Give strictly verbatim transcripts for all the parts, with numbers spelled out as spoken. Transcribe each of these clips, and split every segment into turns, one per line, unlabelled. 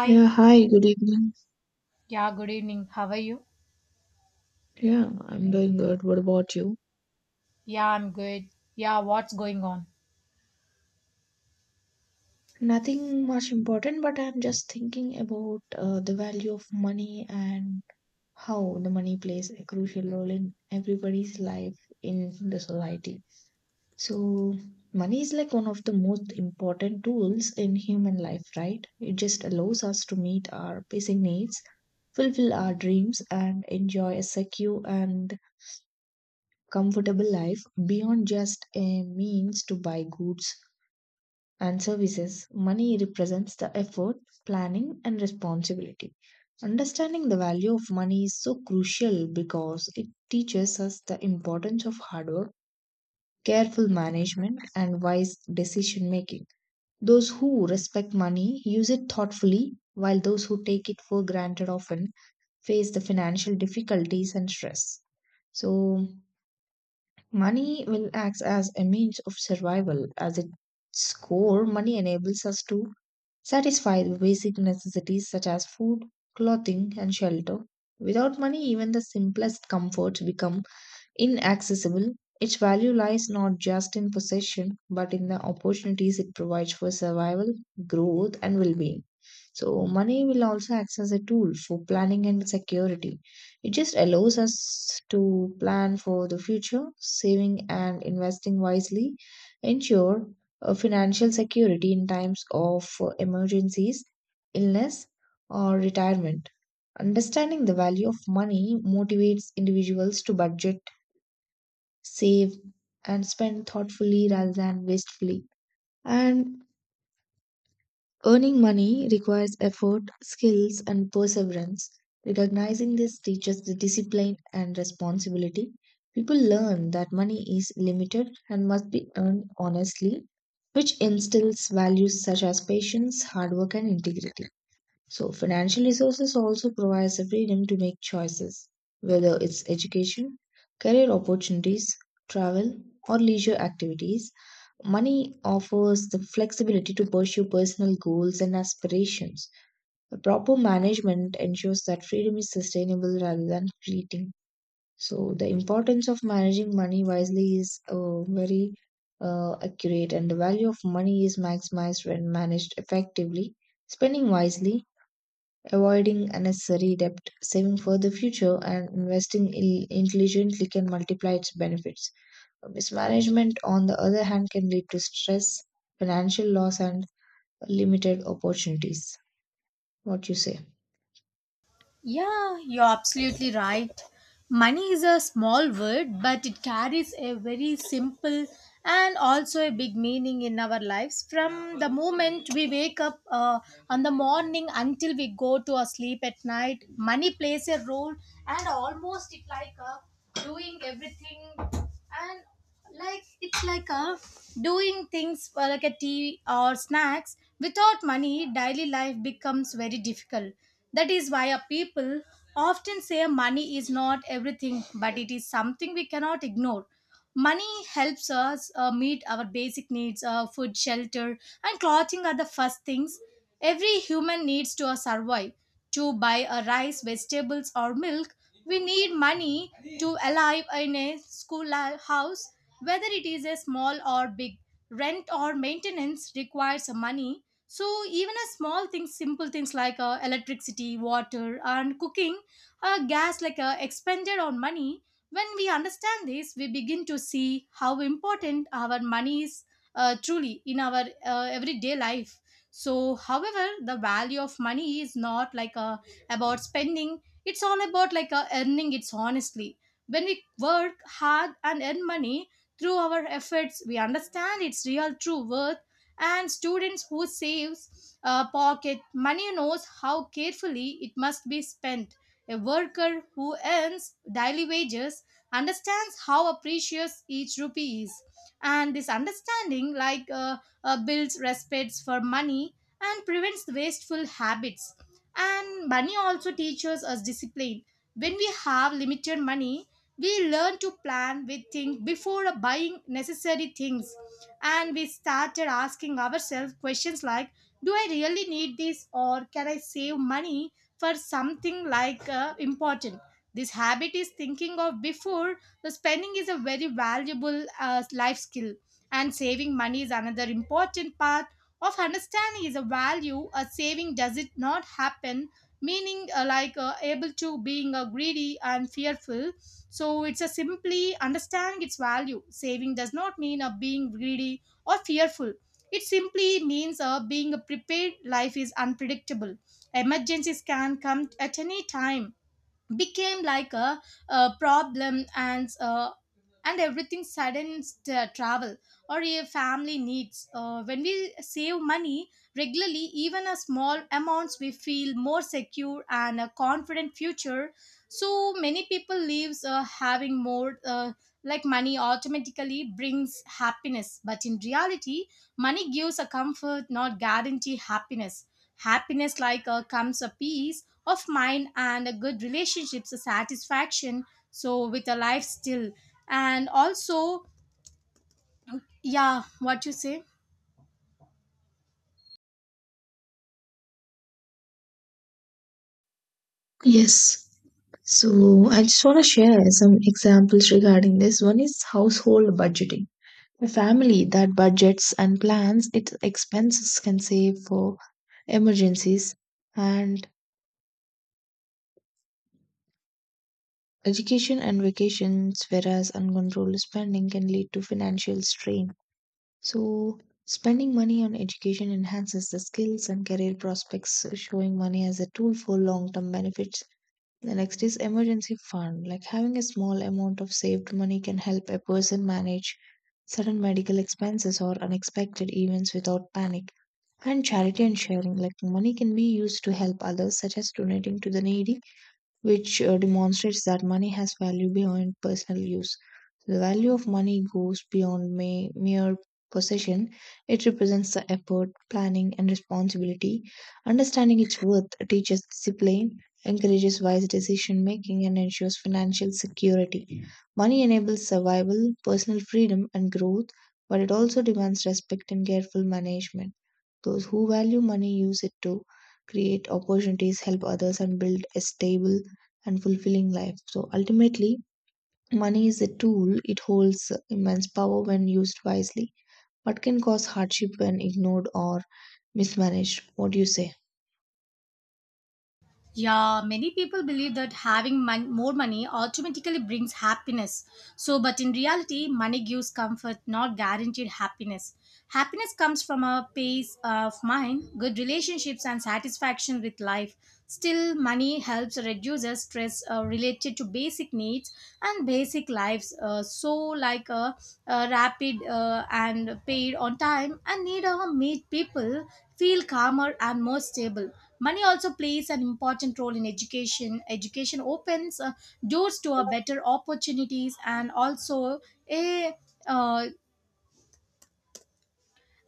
Yeah, hi, good evening.
Yeah, good evening. How are you?
Yeah, I'm doing good. What about you?
Yeah, I'm good. Yeah, what's going on?
Nothing much important, but I'm just thinking about uh, the value of money and how the money plays a crucial role in everybody's life in the society. So, money is like one of the most important tools in human life, right? It just allows us to meet our basic needs, fulfill our dreams, and enjoy a secure and comfortable life. Beyond just a means to buy goods and services, money represents the effort, planning, and responsibility. Understanding the value of money is so crucial because it teaches us the importance of hard work, careful management, and wise decision making. Those who respect money use it thoughtfully, while those who take it for granted often face the financial difficulties and stress. So, money will act as a means of survival. As its core, money enables us to satisfy the basic necessities such as food, clothing, and shelter. Without money, even the simplest comforts become inaccessible. Its value lies not just in possession, but in the opportunities it provides for survival, growth, and well being. So, money will also act as a tool for planning and security. It just allows us to plan for the future, saving and investing wisely, ensure uh, financial security in times of uh, emergencies, illness, or retirement. Understanding the value of money motivates individuals to budget, save, and spend thoughtfully rather than wastefully. And earning money requires effort, skills, and perseverance. Recognizing this teaches the discipline and responsibility. People learn that money is limited and must be earned honestly, which instills values such as patience, hard work, and integrity. So, financial resources also provides the freedom to make choices, whether it's education, career opportunities, travel, or leisure activities. Money offers the flexibility to pursue personal goals and aspirations. The proper management ensures that freedom is sustainable rather than fleeting. So, the importance of managing money wisely is uh, very uh, accurate, and the value of money is maximized when managed effectively. Spending wisely, avoiding unnecessary debt, saving for the future, and investing il- intelligently can multiply its benefits. Mismanagement, on the other hand, can lead to stress, financial loss, and limited opportunities. What you say?
Yeah, you're absolutely right. Money is a small word, but it carries a very simple and also a big meaning in our lives from the moment we wake up uh, on the morning until we go to our sleep at night. Money plays a role and almost it like uh, doing everything and like it's like a doing things for like a tea or snacks without money daily life becomes very difficult, that is why a people often say money is not everything, but it is something we cannot ignore. Money helps us uh, meet our basic needs, uh, food, shelter, and clothing are the first things every human needs to uh, survive. To buy a rice, vegetables, or milk, we need money to alive in a school li- house, whether it is a small or big. Rent or maintenance requires money. So even a small things, simple things like uh, electricity, water, and cooking, uh, gas like uh, expended on money. When we understand this, we begin to see how important our money is, uh, truly in our uh, everyday life. So, however, the value of money is not like a, about spending, it's all about like a earning it's honestly. When we work hard and earn money through our efforts, we understand its real true worth. And students who saves uh, pocket money knows how carefully it must be spent. A worker who earns daily wages understands how precious each rupee is, and this understanding like uh, uh, builds respects for money and prevents wasteful habits. And money also teaches us discipline. When we have limited money, we learn to plan. We think before buying necessary things, and we started asking ourselves questions like, do I really need this, or can I save money for something like uh, important. This habit is thinking of before the spending is a very valuable uh, life skill, and saving money is another important part of understanding is a value. A saving does it not happen, meaning uh, like uh, able to being uh, greedy and fearful. So it's a simply understanding its value. Saving does not mean uh, being greedy or fearful. It simply means uh, being prepared. Life is unpredictable. Emergencies can come at any time, became like a, a problem and uh, and everything sudden st- uh, travel or your family needs, uh, when we save money regularly, even a small amounts, we feel more secure and a confident future. So many people lives uh, having more uh, like money automatically brings happiness, but in reality money gives a comfort, not guarantee happiness. Happiness like uh, comes a peace of mind and a good relationships a satisfaction, so with a life still, and also, yeah, what you say?
Yes. So I just want to share some examples regarding this. One is household budgeting. A family that budgets and plans its expenses can save for emergencies and education and vacations, whereas uncontrolled spending can lead to financial strain. So, spending money on education enhances the skills and career prospects, showing money as a tool for long term benefits. The next is emergency fund. Like having a small amount of saved money can help a person manage sudden medical expenses or unexpected events without panic. And charity and sharing. Like money can be used to help others, such as donating to the needy, which uh, demonstrates that money has value beyond personal use. The value of money goes beyond ma- mere possession. It represents the effort, planning, and responsibility. Understanding its worth teaches discipline, encourages wise decision making, and ensures financial security. Money enables survival, personal freedom, and growth, but it also demands respect and careful management. Those who value money use it to create opportunities, help others, and build a stable and fulfilling life. So ultimately, money is a tool, it holds immense power when used wisely, but can cause hardship when ignored or mismanaged. What do you say?
Yeah, many people believe that having mon- more money automatically brings happiness. So, but in reality, money gives comfort, not guaranteed happiness. Happiness comes from a peace of mind, good relationships, and satisfaction with life. Still, money helps reduce the stress uh, related to basic needs and basic lives. Uh, so, like a, a rapid uh, and paid on time and need uh, meet people feel calmer and more stable. Money also plays an important role in education. Education opens uh, doors to a better opportunities and also a uh,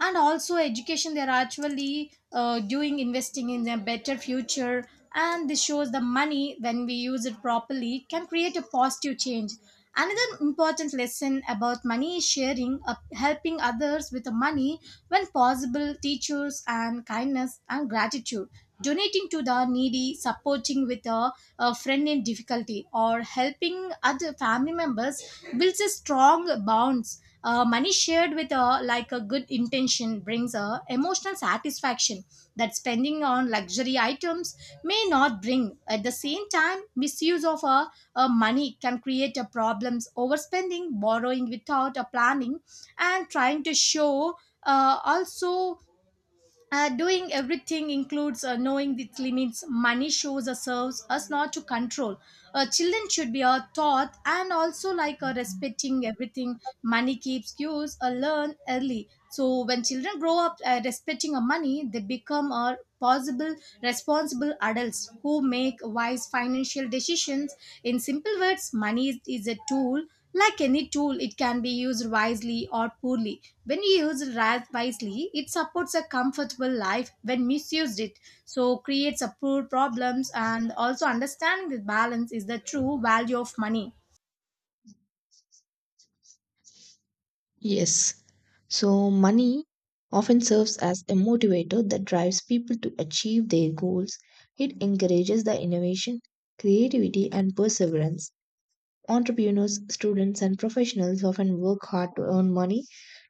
and also education they're actually uh, doing investing in a better future, and this shows the money when we use it properly can create a positive change. Another important lesson about money is sharing, uh, helping others with the money when possible teachers and kindness and gratitude. Donating to the needy, supporting with a, a friend in difficulty, or helping other family members builds a strong bond. Uh, money shared with a like a good intention brings a emotional satisfaction that spending on luxury items may not bring. At the same time, misuse of a, a money can create a problems, overspending, borrowing without a planning, and trying to show, uh, also uh, doing everything includes uh, knowing its limits. Money shows us, serves us, not to control. Uh, children should be uh, taught and also like uh, respecting everything. Money keeps cues. Uh, learn early. So when children grow up uh, respecting uh, money, they become uh, possible responsible adults who make wise financial decisions. In simple words, money is, is a tool. Like any tool, it can be used wisely or poorly. When used ri- wisely, it supports a comfortable life. When misused, it so creates a poor problems. And also understanding this balance is the true value of money.
Yes. So, money often serves as a motivator that drives people to achieve their goals. It encourages the innovation, creativity, and perseverance. Entrepreneurs, students, and professionals often work hard to earn money,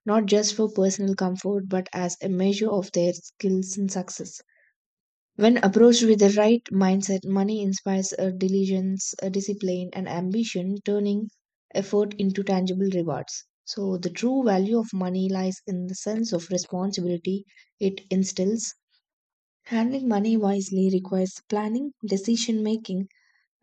not just for personal comfort, but as a measure of their skills and success. When approached with the right mindset, money inspires a diligence, a discipline, and ambition, turning effort into tangible rewards. So, the true value of money lies in the sense of responsibility it instills. Handling money wisely requires planning, decision making,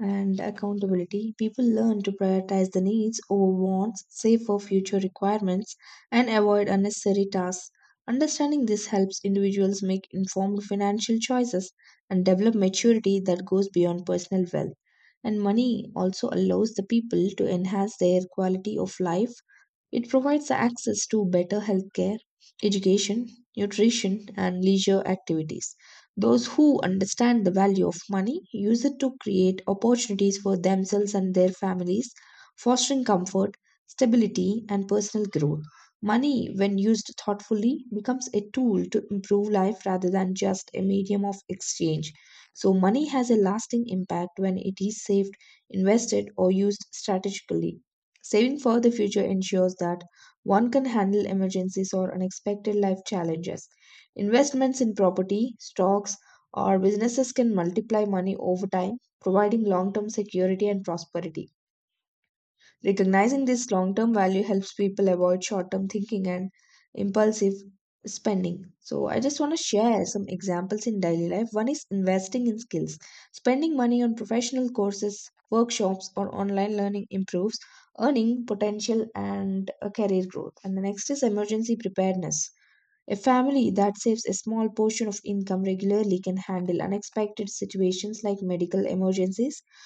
and accountability. People learn to prioritize the needs over wants, save for future requirements, and avoid unnecessary tasks. Understanding this helps individuals make informed financial choices and develop maturity that goes beyond personal wealth. And money also allows the people to enhance their quality of life. It provides access to better healthcare, education, nutrition, and leisure activities. Those who understand the value of money use it to create opportunities for themselves and their families, fostering comfort, stability, and personal growth. Money, when used thoughtfully, becomes a tool to improve life rather than just a medium of exchange. So, money has a lasting impact when it is saved, invested, or used strategically. Saving for the future ensures that one can handle emergencies or unexpected life challenges. Investments in property, stocks, or businesses can multiply money over time, providing long term security and prosperity. Recognizing this long term value helps people avoid short term thinking and impulsive spending. So, I just want to share some examples in daily life. One is investing in skills. Spending money on professional courses, workshops, or online learning improves earning potential and uh, career growth. And the next is emergency preparedness. A family that saves a small portion of income regularly can handle unexpected situations like medical emergencies,